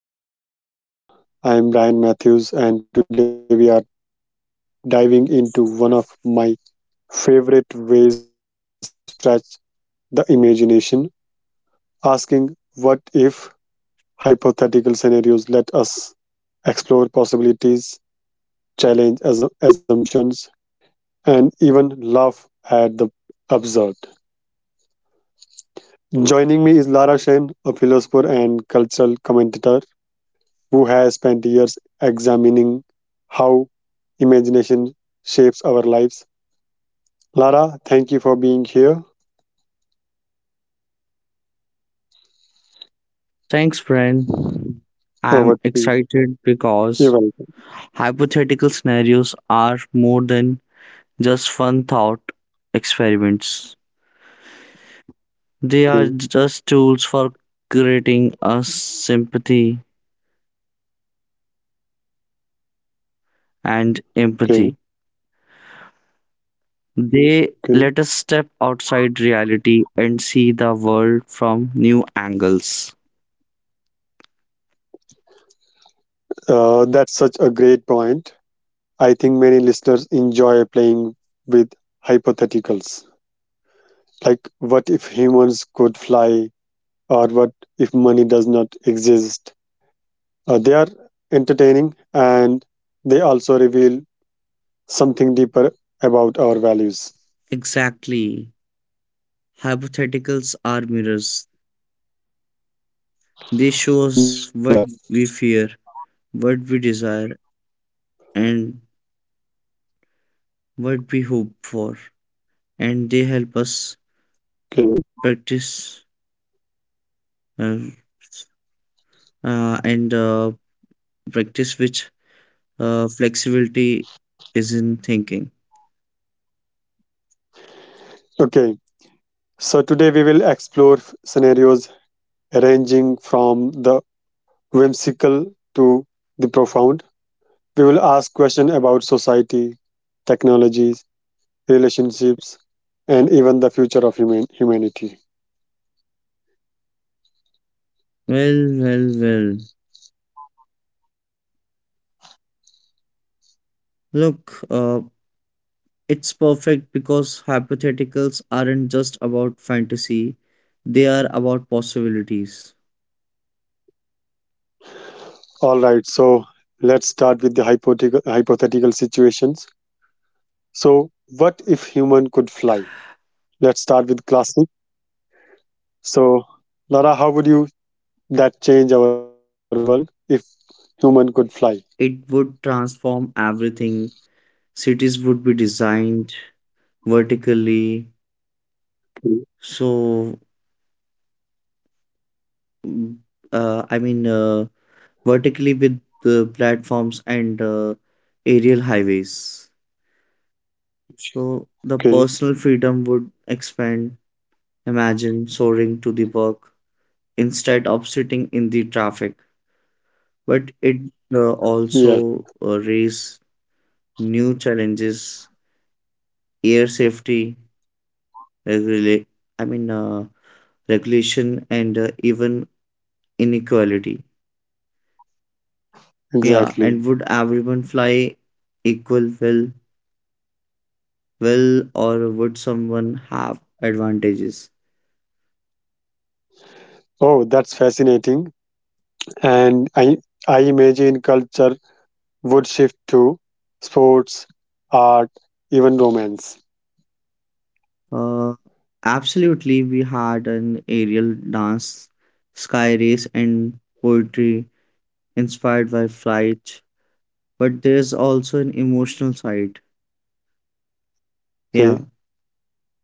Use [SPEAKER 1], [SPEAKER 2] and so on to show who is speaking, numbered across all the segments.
[SPEAKER 1] Welcome to Hypothetical Scenarios to Explore. I am Ryan Matthews, and today we are diving into one of my favorite ways to stretch the imagination, asking what if hypothetical scenarios let us explore possibilities, challenge assumptions, and even laugh at the absurd. Joining me is Lara Shane, a philosopher and cultural commentator who has spent years examining how imagination shapes our lives. Lara, thank you for being here.
[SPEAKER 2] Thanks, friend.
[SPEAKER 1] Over to
[SPEAKER 2] I'm
[SPEAKER 1] you.
[SPEAKER 2] excited
[SPEAKER 1] You're
[SPEAKER 2] because
[SPEAKER 1] welcome.
[SPEAKER 2] hypothetical scenarios are more than just fun thought experiments. They are
[SPEAKER 1] Okay,
[SPEAKER 2] just tools for creating us sympathy and empathy.
[SPEAKER 1] okay,
[SPEAKER 2] They let
[SPEAKER 1] okay.
[SPEAKER 2] us step outside reality and see the world from new angles.
[SPEAKER 1] That's such a great point. I think many listeners enjoy playing with hypotheticals. Like, what if humans could fly? Or what if money does not exist? They are entertaining and they also reveal something deeper about our values.
[SPEAKER 2] Exactly. Hypotheticals are mirrors. They show
[SPEAKER 1] Yeah.
[SPEAKER 2] us what we fear, what we desire, and what we hope for, and they help us
[SPEAKER 1] Okay,
[SPEAKER 2] practice uh, and practice which flexibility is in thinking.
[SPEAKER 1] okay. So today we will explore scenarios ranging from the whimsical to the profound. We will ask questions about society, technologies, relationships, and even the future of humanity.
[SPEAKER 2] Well, look, it's perfect because hypotheticals aren't just about fantasy, they are about possibilities.
[SPEAKER 1] All right, so let's start with the hypothetical situations. So, what if human could fly? Let's start with classic. So, Lara, how would you that change our world if human could fly?
[SPEAKER 2] It would transform everything. Cities would be designed vertically, so mm, uh, i mean uh, vertically with the platforms and aerial highways. So the
[SPEAKER 1] Okay.
[SPEAKER 2] personal freedom would expand. Imagine soaring to the work instead of sitting in the traffic. But it
[SPEAKER 1] Yes,
[SPEAKER 2] also raise new challenges, air safety, regula- I mean uh, regulation, and even inequality. Yeah,
[SPEAKER 1] exactly.
[SPEAKER 2] and would everyone fly equal well? Will or would someone have advantages?
[SPEAKER 1] Oh, that's fascinating. And I imagine culture would shift to sports, art, even romance.
[SPEAKER 2] Uh, Absolutely, we had an aerial dance, sky race, and poetry inspired by flight, but there's also an emotional side.
[SPEAKER 1] Okay,
[SPEAKER 2] Yeah,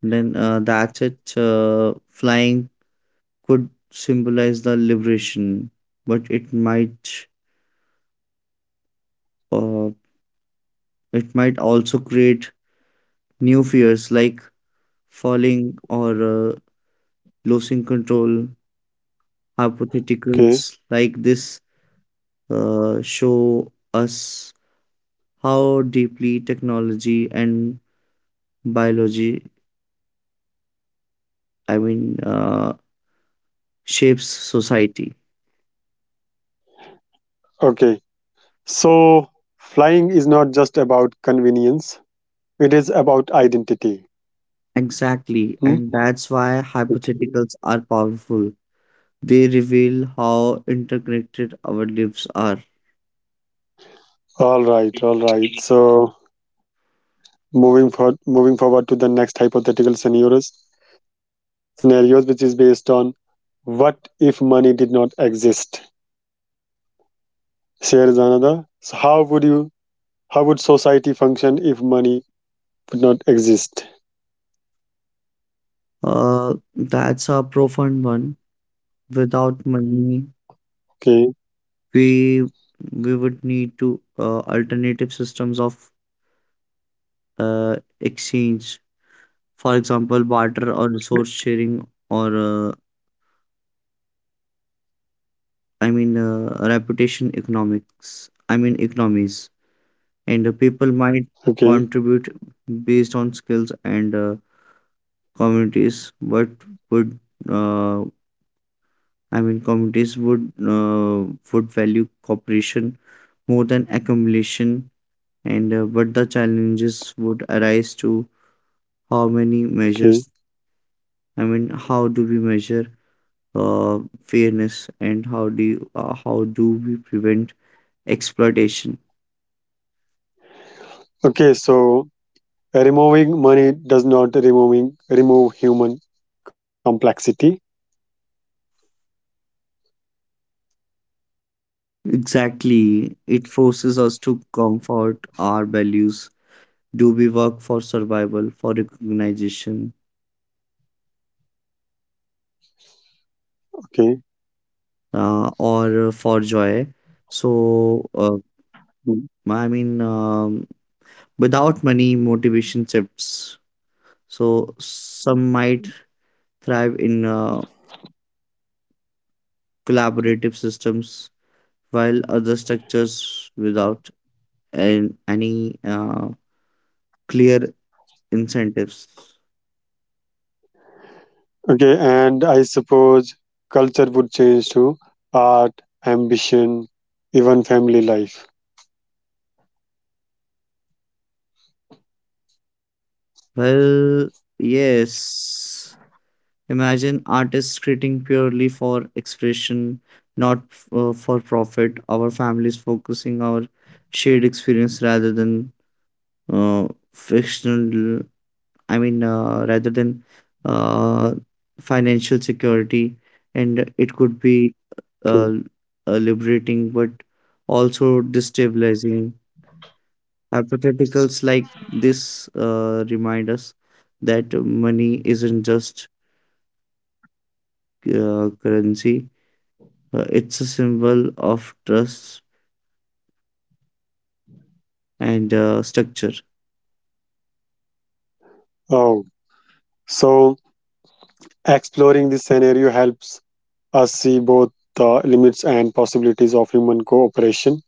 [SPEAKER 2] then that's it. Flying could symbolize the liberation, but it might uh, also create new fears like falling or losing control.
[SPEAKER 1] okay,
[SPEAKER 2] Hypotheticals like this show us how deeply technology and biology, I mean, uh, shapes society.
[SPEAKER 1] okay. So flying is not just about convenience, it is about identity.
[SPEAKER 2] Exactly,
[SPEAKER 1] Hmm?
[SPEAKER 2] and that's why hypotheticals are powerful. They reveal how interconnected our lives are.
[SPEAKER 1] All right, all right. So moving forward to the next hypothetical scenarios which is based on what if money did not exist? Shares another. So how would society function if money would not exist?
[SPEAKER 2] That's a profound one. Without
[SPEAKER 1] Okay.
[SPEAKER 2] money, we we would need to alternative systems of exchange. For example, barter or resource sharing or uh, reputation economics. I mean economies, and people might
[SPEAKER 1] Okay.
[SPEAKER 2] contribute based on skills and communities. But would uh, I mean communities would value cooperation more than accumulation, and but the challenges would arise to how many
[SPEAKER 1] Okay.
[SPEAKER 2] measures. How do we measure uh, fairness, and how do we prevent exploitation?
[SPEAKER 1] Okay. So removing money does not removing remove human complexity.
[SPEAKER 2] Exactly, it forces us to comfort our values. Do we work for survival, for recognition,
[SPEAKER 1] Okay.
[SPEAKER 2] or for joy? so uh,
[SPEAKER 1] Mm.
[SPEAKER 2] i mean um, Without money motivation shifts, so some might thrive in collaborative systems while other structures without any clear incentives.
[SPEAKER 1] Okay. And I suppose culture would change to art, ambition, even family life.
[SPEAKER 2] Well, yes. Imagine artists creating purely for expression, not for profit. Our families focusing our shared experience rather than uh, fictional, rather than uh, financial security. And it could be
[SPEAKER 1] Okay.
[SPEAKER 2] uh, liberating, but also destabilizing. Hypotheticals like this remind us that money isn't just currency, it's a symbol of trust and structure.
[SPEAKER 1] Oh. So exploring this scenario helps us see both the limits and possibilities of human cooperation.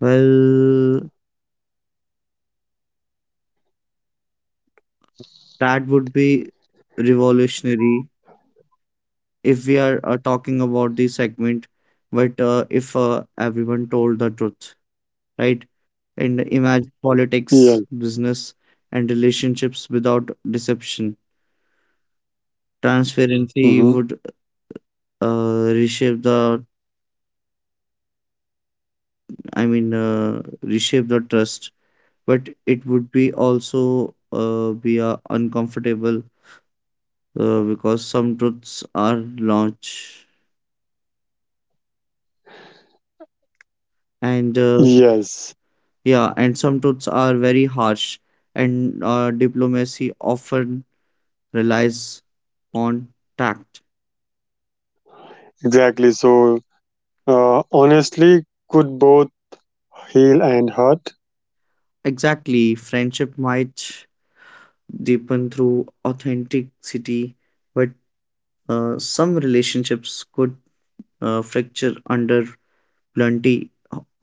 [SPEAKER 2] Well, that would be revolutionary if we are talking about this segment, but if everyone told the truth, right? And imagine
[SPEAKER 1] Yeah.
[SPEAKER 2] politics, business, and relationships without deception. Transparency
[SPEAKER 1] Hmm.
[SPEAKER 2] would uh, reshape the reshape the trust, but it would be also be uncomfortable because some truths are large, and
[SPEAKER 1] Yes,
[SPEAKER 2] yeah, and some truths are very harsh, and diplomacy often relies on tact.
[SPEAKER 1] exactly. So, honestly, could both heal and hurt.
[SPEAKER 2] Exactly, friendship might deepen through authenticity, but some relationships could fracture under plenty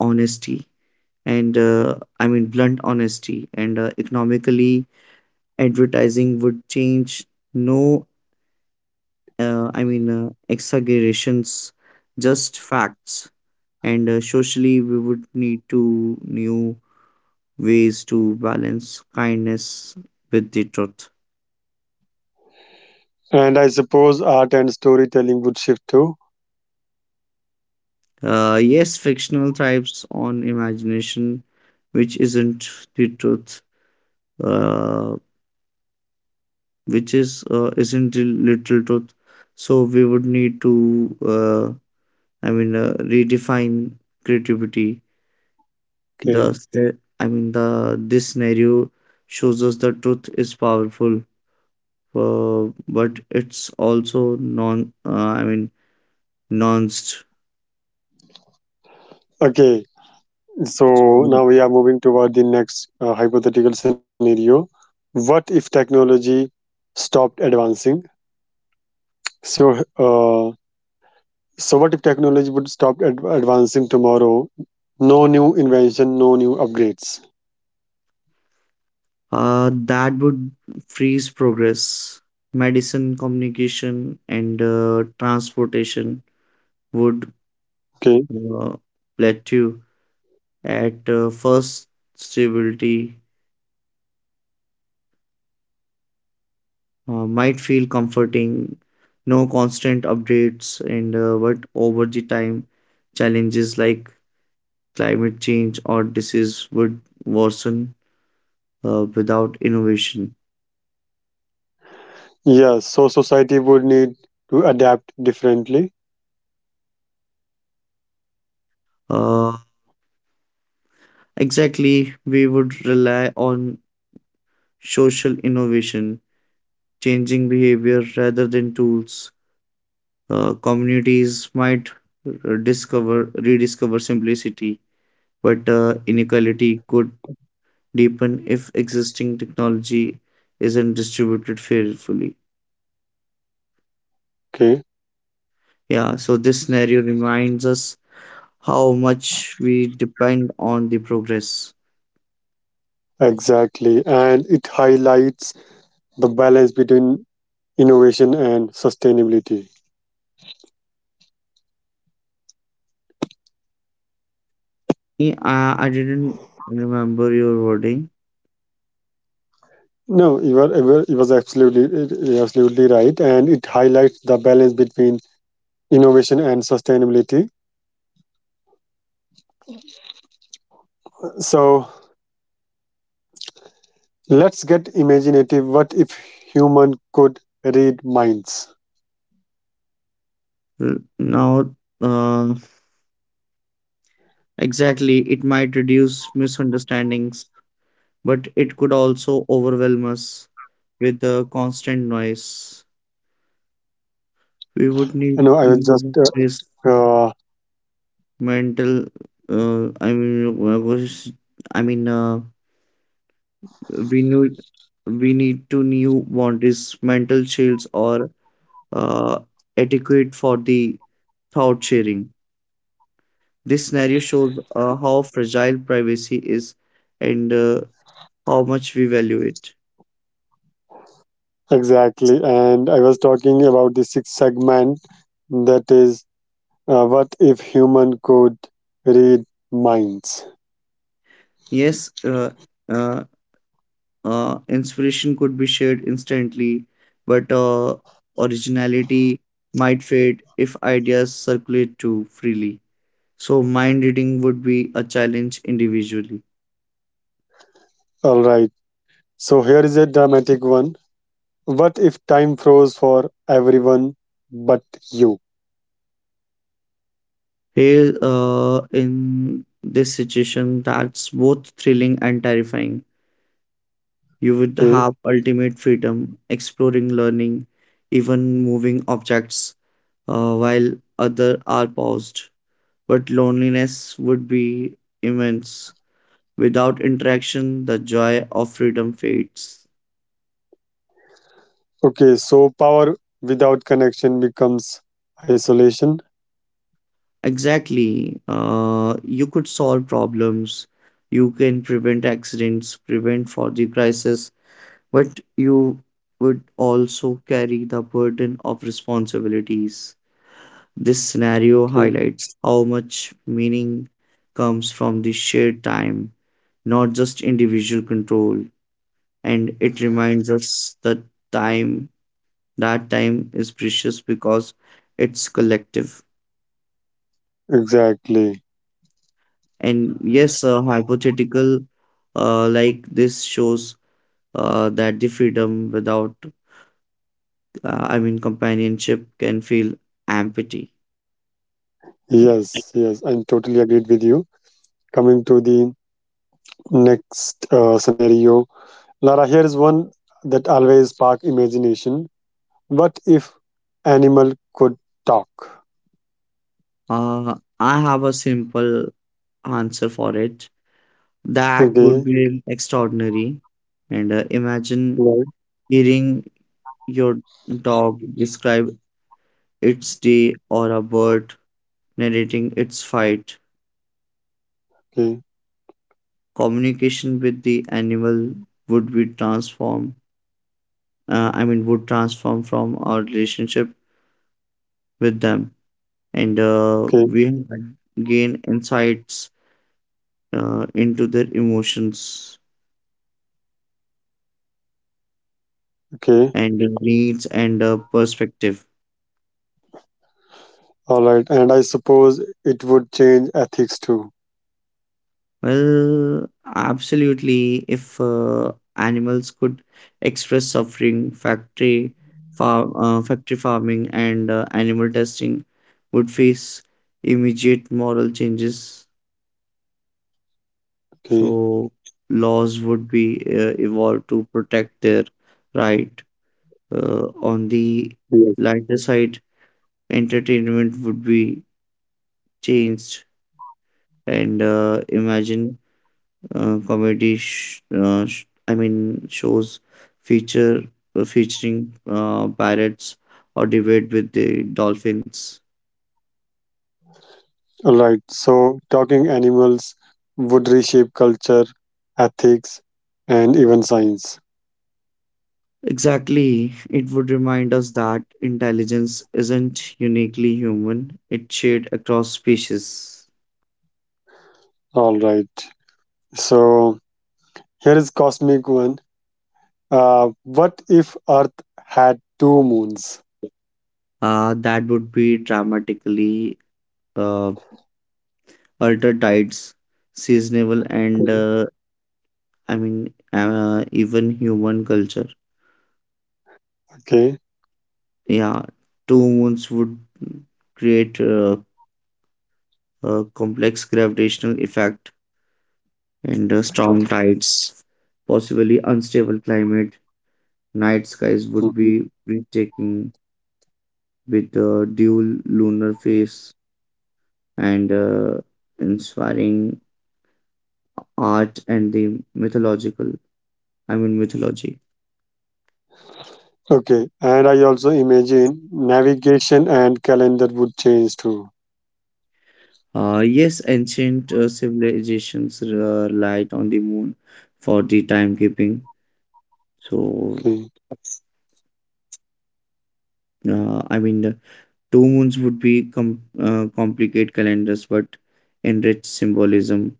[SPEAKER 2] honesty. And I mean blunt honesty. And economically, advertising would change, no, exaggerations, just facts. And socially, we would need to new ways to balance kindness with the truth.
[SPEAKER 1] And I suppose art and storytelling would shift too.
[SPEAKER 2] Yes, fictional thrives on imagination, which isn't the truth, uh, which is isn't the literal truth. So we would need to redefine creativity. The
[SPEAKER 1] Okay.
[SPEAKER 2] sce- I mean, the this scenario shows us the truth is powerful, uh, but it's also nuanced.
[SPEAKER 1] Okay.
[SPEAKER 2] So,
[SPEAKER 1] So now we are moving toward the next hypothetical scenario. What if technology stopped advancing? So, uh, So, what if technology would stop advancing tomorrow? No new invention, no new upgrades.
[SPEAKER 2] that would freeze progress. Medicine, communication, and transportation would
[SPEAKER 1] Okay.
[SPEAKER 2] uh, plateau at first stability might feel comforting. No constant updates, and but over the time, challenges like climate change or disease would worsen without innovation.
[SPEAKER 1] Yes. So, society would need to adapt differently.
[SPEAKER 2] Uh, exactly, we would rely on social innovation, changing behavior rather than tools. Communities might discover rediscover simplicity, but inequality could deepen if existing technology isn't distributed fairly.
[SPEAKER 1] Okay.
[SPEAKER 2] Yeah, so this scenario reminds us how much we depend on the progress.
[SPEAKER 1] Exactly. And it highlights the balance between innovation and sustainability.
[SPEAKER 2] Yeah, I didn't remember your wording.
[SPEAKER 1] No, you're absolutely right, and it highlights the balance between innovation and sustainability. So let's get imaginative. What if human could read minds?
[SPEAKER 2] Well, now, uh, exactly, it might reduce misunderstandings, but it could also overwhelm us with the constant noise. We would
[SPEAKER 1] You
[SPEAKER 2] need
[SPEAKER 1] know, I was just
[SPEAKER 2] need this
[SPEAKER 1] uh,
[SPEAKER 2] mental, I mean, was- I mean, we need we need to new boundaries, mental shields, or uh, etiquette for the thought sharing. This scenario shows how fragile privacy is and how much we value it.
[SPEAKER 1] exactly, and I was talking about the sixth segment that is, what if human could read minds?
[SPEAKER 2] Yes, uh, inspiration could be shared instantly, but originality might fade if ideas circulate too freely. So, mind reading would be a challenge individually.
[SPEAKER 1] All right, so here is a dramatic one. What if time froze for everyone but you?
[SPEAKER 2] Here, in this situation, that's both thrilling and terrifying. You would
[SPEAKER 1] Okay,
[SPEAKER 2] have ultimate freedom, exploring, learning, even moving objects, while other are paused. But loneliness would be immense. Without interaction, the joy of freedom fades.
[SPEAKER 1] okay, so power without connection becomes isolation.
[SPEAKER 2] Exactly. You could solve problems. You can prevent accidents, prevent for the crisis, but you would also carry the burden of responsibilities. This scenario
[SPEAKER 1] Okay,
[SPEAKER 2] highlights how much meaning comes from the shared time, not just individual control. And it reminds us that time, time is precious because it's collective.
[SPEAKER 1] exactly.
[SPEAKER 2] And yes, a hypothetical like this shows that the freedom without, companionship can feel empty.
[SPEAKER 1] Yes, yes, I'm totally agreed with you. Coming to the next scenario. Lara, here is one that always spark imagination. What if animal could talk?
[SPEAKER 2] I have a simple answer for it. That would
[SPEAKER 1] Okay,
[SPEAKER 2] be extraordinary. And imagine
[SPEAKER 1] right,
[SPEAKER 2] hearing your dog describe its day or a bird narrating its fight.
[SPEAKER 1] okay,
[SPEAKER 2] Communication with the animal would be transformed. Would transform from our relationship with them, and
[SPEAKER 1] okay,
[SPEAKER 2] we gain insights into their emotions
[SPEAKER 1] okay.
[SPEAKER 2] and needs and perspective.
[SPEAKER 1] All right, and I suppose it would change ethics too.
[SPEAKER 2] Well, absolutely. If animals could express suffering, factory farming, and animal testing would face immediate moral changes.
[SPEAKER 1] Okay,
[SPEAKER 2] So laws would be evolved to protect their right. On the
[SPEAKER 1] yes.
[SPEAKER 2] lighter side, entertainment would be changed, and imagine comedy shows feature featuring parrots or debate with the dolphins.
[SPEAKER 1] All right, so talking animals would reshape culture, ethics, and even science.
[SPEAKER 2] Exactly, it would remind us that intelligence isn't uniquely human, it's shared across species.
[SPEAKER 1] All right, so here is cosmic one. What if Earth had two moons?
[SPEAKER 2] That would be dramatically uh, altered tides, seasonable, and even human culture.
[SPEAKER 1] Okay.
[SPEAKER 2] Yeah, two moons would create a complex gravitational effect, and strong tides, possibly unstable climate. Night skies would
[SPEAKER 1] Mhm.
[SPEAKER 2] be breathtaking with the dual lunar phase and inspiring art and the mythological. I mean mythology.
[SPEAKER 1] Okay. And I also imagine navigation and calendar would change too.
[SPEAKER 2] Yes, ancient civilizations relied on the moon for the timekeeping. So,
[SPEAKER 1] Okay.
[SPEAKER 2] uh, I mean, uh, two moons would complicate calendars but enrich symbolism.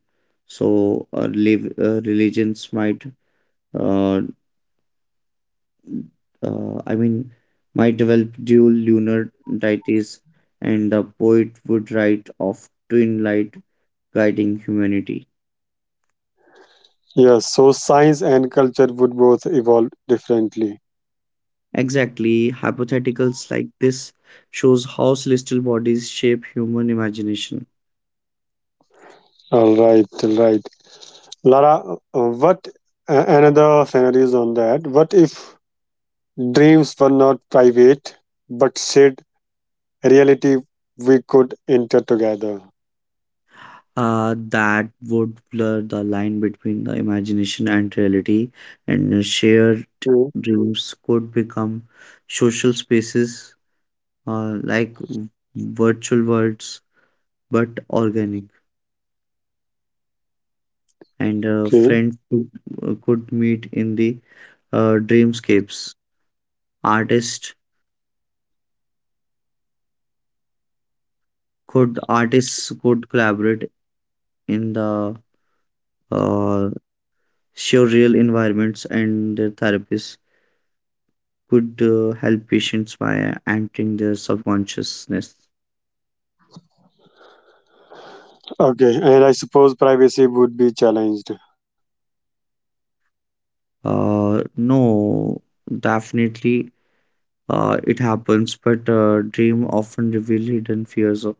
[SPEAKER 2] So religions might, uh, uh, I mean, might develop dual lunar deities, and the poet would write of twin light guiding humanity.
[SPEAKER 1] Yes. So science and culture would both evolve differently.
[SPEAKER 2] Exactly, hypotheticals like this shows how celestial bodies shape human imagination.
[SPEAKER 1] All right. All right. Lara, what another scenario is on that? What if dreams were not private but shared reality we could enter together?
[SPEAKER 2] That would blur the line between the imagination and reality, and shared
[SPEAKER 1] Hmm.
[SPEAKER 2] rooms could become social spaces like virtual worlds but organic, and
[SPEAKER 1] Okay.
[SPEAKER 2] friends could meet in the dreamscapes. Artists artists could collaborate in the uh, surreal environments, and their therapists could help patients by entering their subconsciousness?
[SPEAKER 1] Okay. And I suppose privacy would be challenged.
[SPEAKER 2] No, definitely it happens, but dream often reveal hidden fears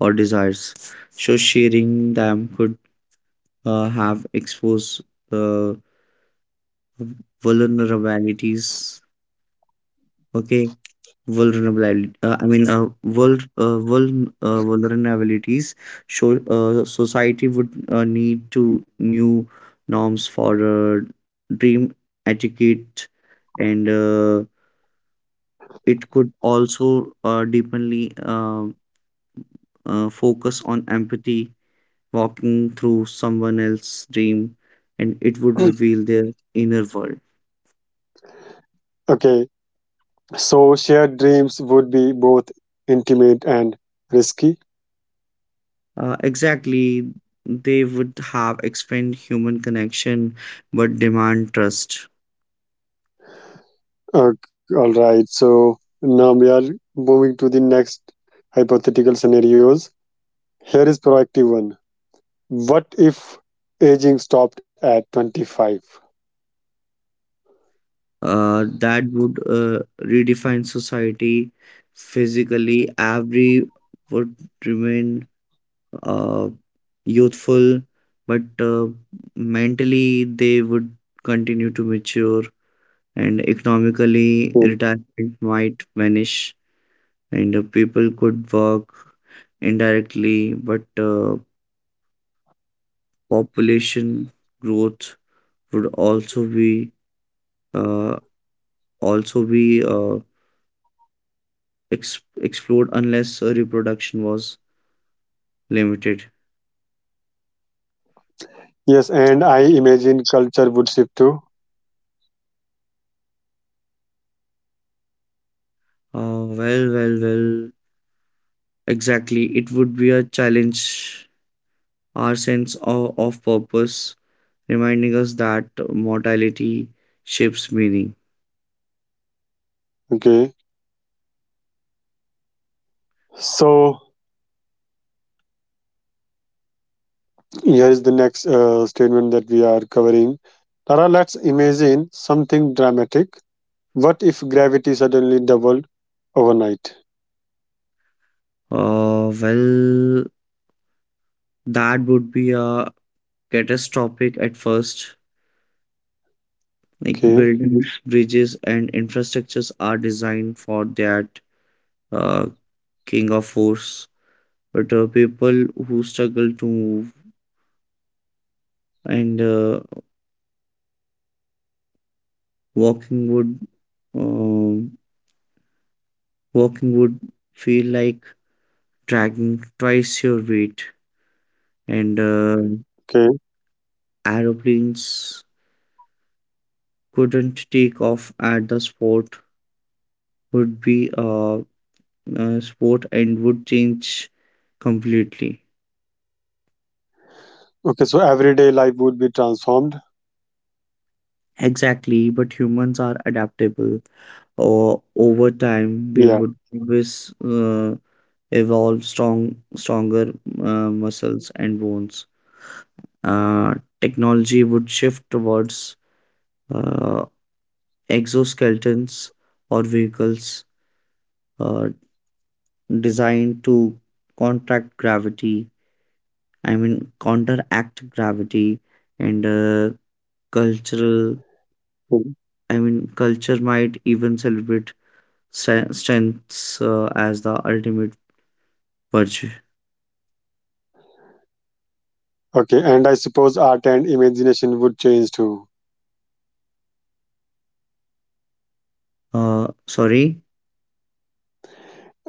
[SPEAKER 2] or desires. So sharing them could have exposed uh, vulnerabilities. Okay, vulnerability I mean vul, vul, vulnerabilities show society would need to new norms for dream etiquette, and it could also deepenly focus on empathy, walking through someone else's dream, and it would reveal their inner world.
[SPEAKER 1] Okay. So shared dreams would be both intimate and risky.
[SPEAKER 2] Exactly, they would have expand human connection but demand trust.
[SPEAKER 1] Uh, all right. So now we are moving to the next hypothetical scenarios. Here is proactive one. What if aging stopped at 25?
[SPEAKER 2] That would redefine society physically. Every would remain uh, youthful, but mentally they would continue to mature, and economically,
[SPEAKER 1] Hmm.
[SPEAKER 2] retirement might vanish, and people could work indirectly, but population growth would uh, also be ex- explored unless reproduction was limited.
[SPEAKER 1] Yes, and I imagine culture would shift too.
[SPEAKER 2] Uh, well, well, well. Exactly. It would be a challenge our sense of purpose, reminding us that mortality shapes meaning.
[SPEAKER 1] Okay. So here is the next statement that we are covering. Tara, let's imagine something dramatic. What if gravity suddenly doubled overnight?
[SPEAKER 2] Uh, well, that would be a catastrophic at first. Like
[SPEAKER 1] Okay,
[SPEAKER 2] buildings, bridges, and infrastructures are designed for that uh, king of force. But people who struggle to move and Walking would uh, walking would feel like dragging twice your weight, and
[SPEAKER 1] okay,
[SPEAKER 2] aeroplanes couldn't take off at the spot, would be a sport, and would change completely.
[SPEAKER 1] okay. So everyday life would be transformed.
[SPEAKER 2] Exactly, but humans are adaptable. Or over time, we
[SPEAKER 1] Yeah.
[SPEAKER 2] would always stronger muscles and bones. Uh, Technology would shift towards uh, exoskeletons or vehicles uh, designed to contract gravity, I mean, counteract gravity, and cultural,
[SPEAKER 1] Mm.
[SPEAKER 2] culture might even celebrate strengths as the ultimate virtue.
[SPEAKER 1] Okay, and I suppose art and imagination would change too.
[SPEAKER 2] Uh, sorry,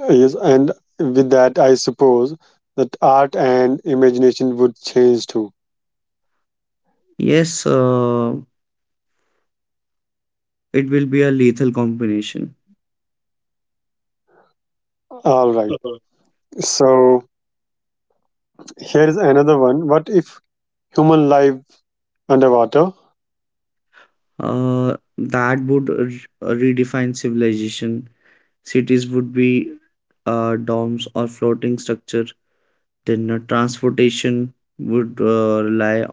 [SPEAKER 1] Yes, and with that, I suppose that art and imagination would change too.
[SPEAKER 2] yes, it will be a lethal combination.
[SPEAKER 1] All right.
[SPEAKER 2] Mhm.
[SPEAKER 1] So here is another one. What if human life underwater.
[SPEAKER 2] That would redefine civilization. Cities would be domes or floating structure. Then transportation would rely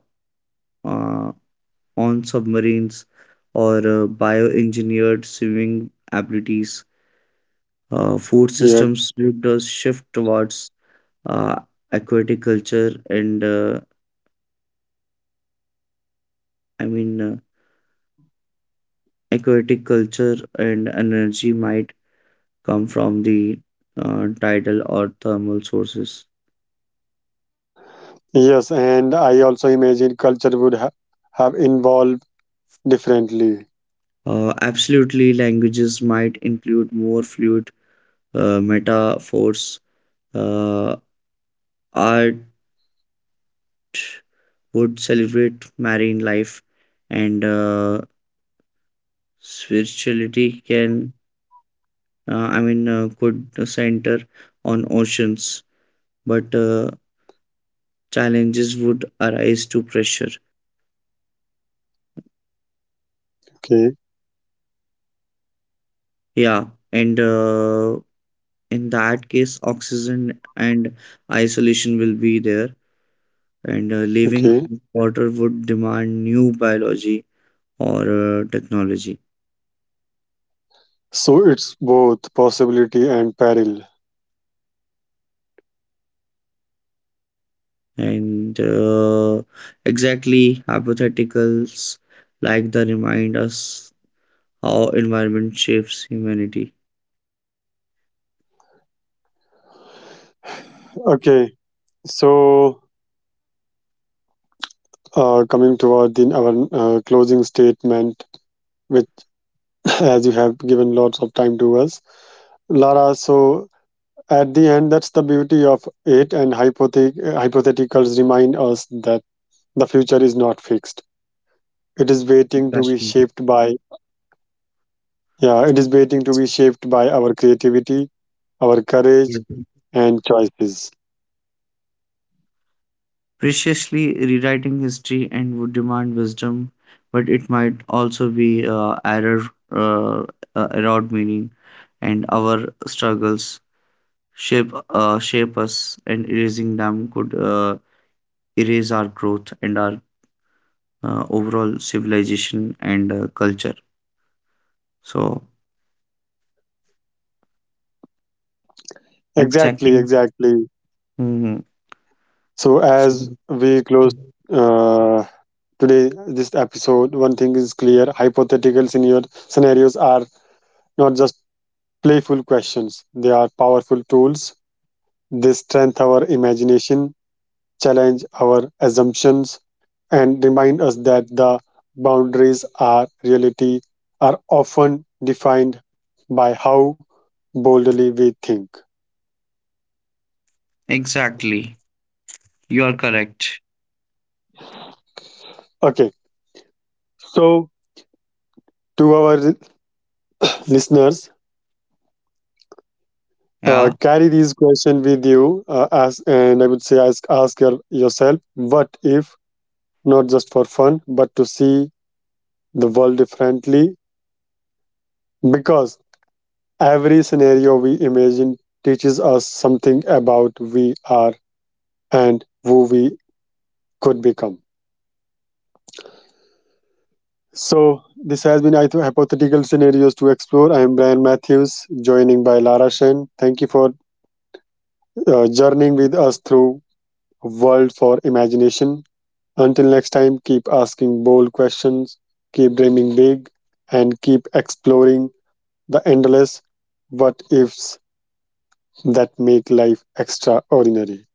[SPEAKER 2] uh, on submarines or bioengineered swimming abilities. Food
[SPEAKER 1] Yeah.
[SPEAKER 2] systems would shift towards uh, aquatic culture and uh, I mean uh, aquatic culture, and energy might come from the tidal or thermal sources.
[SPEAKER 1] Yes, and I also imagine culture would have evolved differently.
[SPEAKER 2] Absolutely, languages might include more fluid metaphors. Uh, Art would celebrate marine life, and spirituality could center on oceans, but challenges would arise to pressure.
[SPEAKER 1] Okay.
[SPEAKER 2] Yeah, and in that case, oxygen and isolation will be there, and living
[SPEAKER 1] Okay.
[SPEAKER 2] on water would demand new biology or technology,
[SPEAKER 1] So it's both possibility and peril.
[SPEAKER 2] and exactly hypotheticals like the remind us how environment shapes humanity.
[SPEAKER 1] Okay. So coming toward our closing statement, which as you have given lots of time to us, Lara. So at the end, that's the beauty of it, and hypotheticals remind us that the future is not fixed. It is waiting to be
[SPEAKER 2] Exactly,
[SPEAKER 1] shaped by yeah, it is waiting to be shaped by our creativity, our courage, and choices.
[SPEAKER 2] preciously rewriting history and would demand wisdom, but it might also be error uh, erode meaning, and our struggles shape us, and erasing them could erase our growth and our overall civilization and culture. So,
[SPEAKER 1] Exactly,
[SPEAKER 2] exactly.
[SPEAKER 1] exactly.
[SPEAKER 2] Mhm.
[SPEAKER 1] So as
[SPEAKER 2] So,
[SPEAKER 1] we close. Uh, today this episode one thing is clear, hypotheticals in your scenarios are not just playful questions, they are powerful tools. They strengthen our imagination, challenge our assumptions, and remind us that the boundaries are reality are often defined by how boldly we think.
[SPEAKER 2] exactly. You are correct.
[SPEAKER 1] Okay, so to our listeners,
[SPEAKER 2] Yeah.
[SPEAKER 1] carry these question with you as and I would say ask, ask your, yourself what if, not just for fun but to see the world differently, because every scenario we imagine teaches us something about we are and who we could become. So this has been Hypothetical Scenarios to Explore. I am Brian Matthews, joining by Lara Shen. Thank you for journeying with us through world for imagination. Until next time, keep asking bold questions, keep dreaming big, and keep exploring the endless what ifs that make life extraordinary.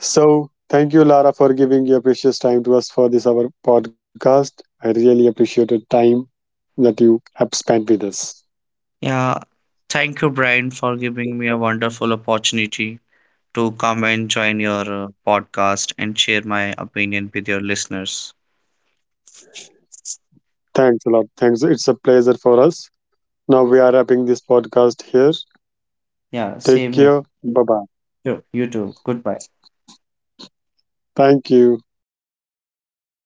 [SPEAKER 1] So, thank you, Lara, for giving your precious time to us for this our podcast. I really appreciate the time that you have spent with us.
[SPEAKER 2] Yeah. Thank you, Brian, for giving me a wonderful opportunity to come and join your podcast and share my opinion with your listeners.
[SPEAKER 1] Thanks a lot. Thanks. It's a pleasure for us. Now we are wrapping this podcast here.
[SPEAKER 2] Yeah,
[SPEAKER 1] Take
[SPEAKER 2] same here.
[SPEAKER 1] care. Bye bye.
[SPEAKER 2] Sure. You too. Goodbye.
[SPEAKER 1] Thank you.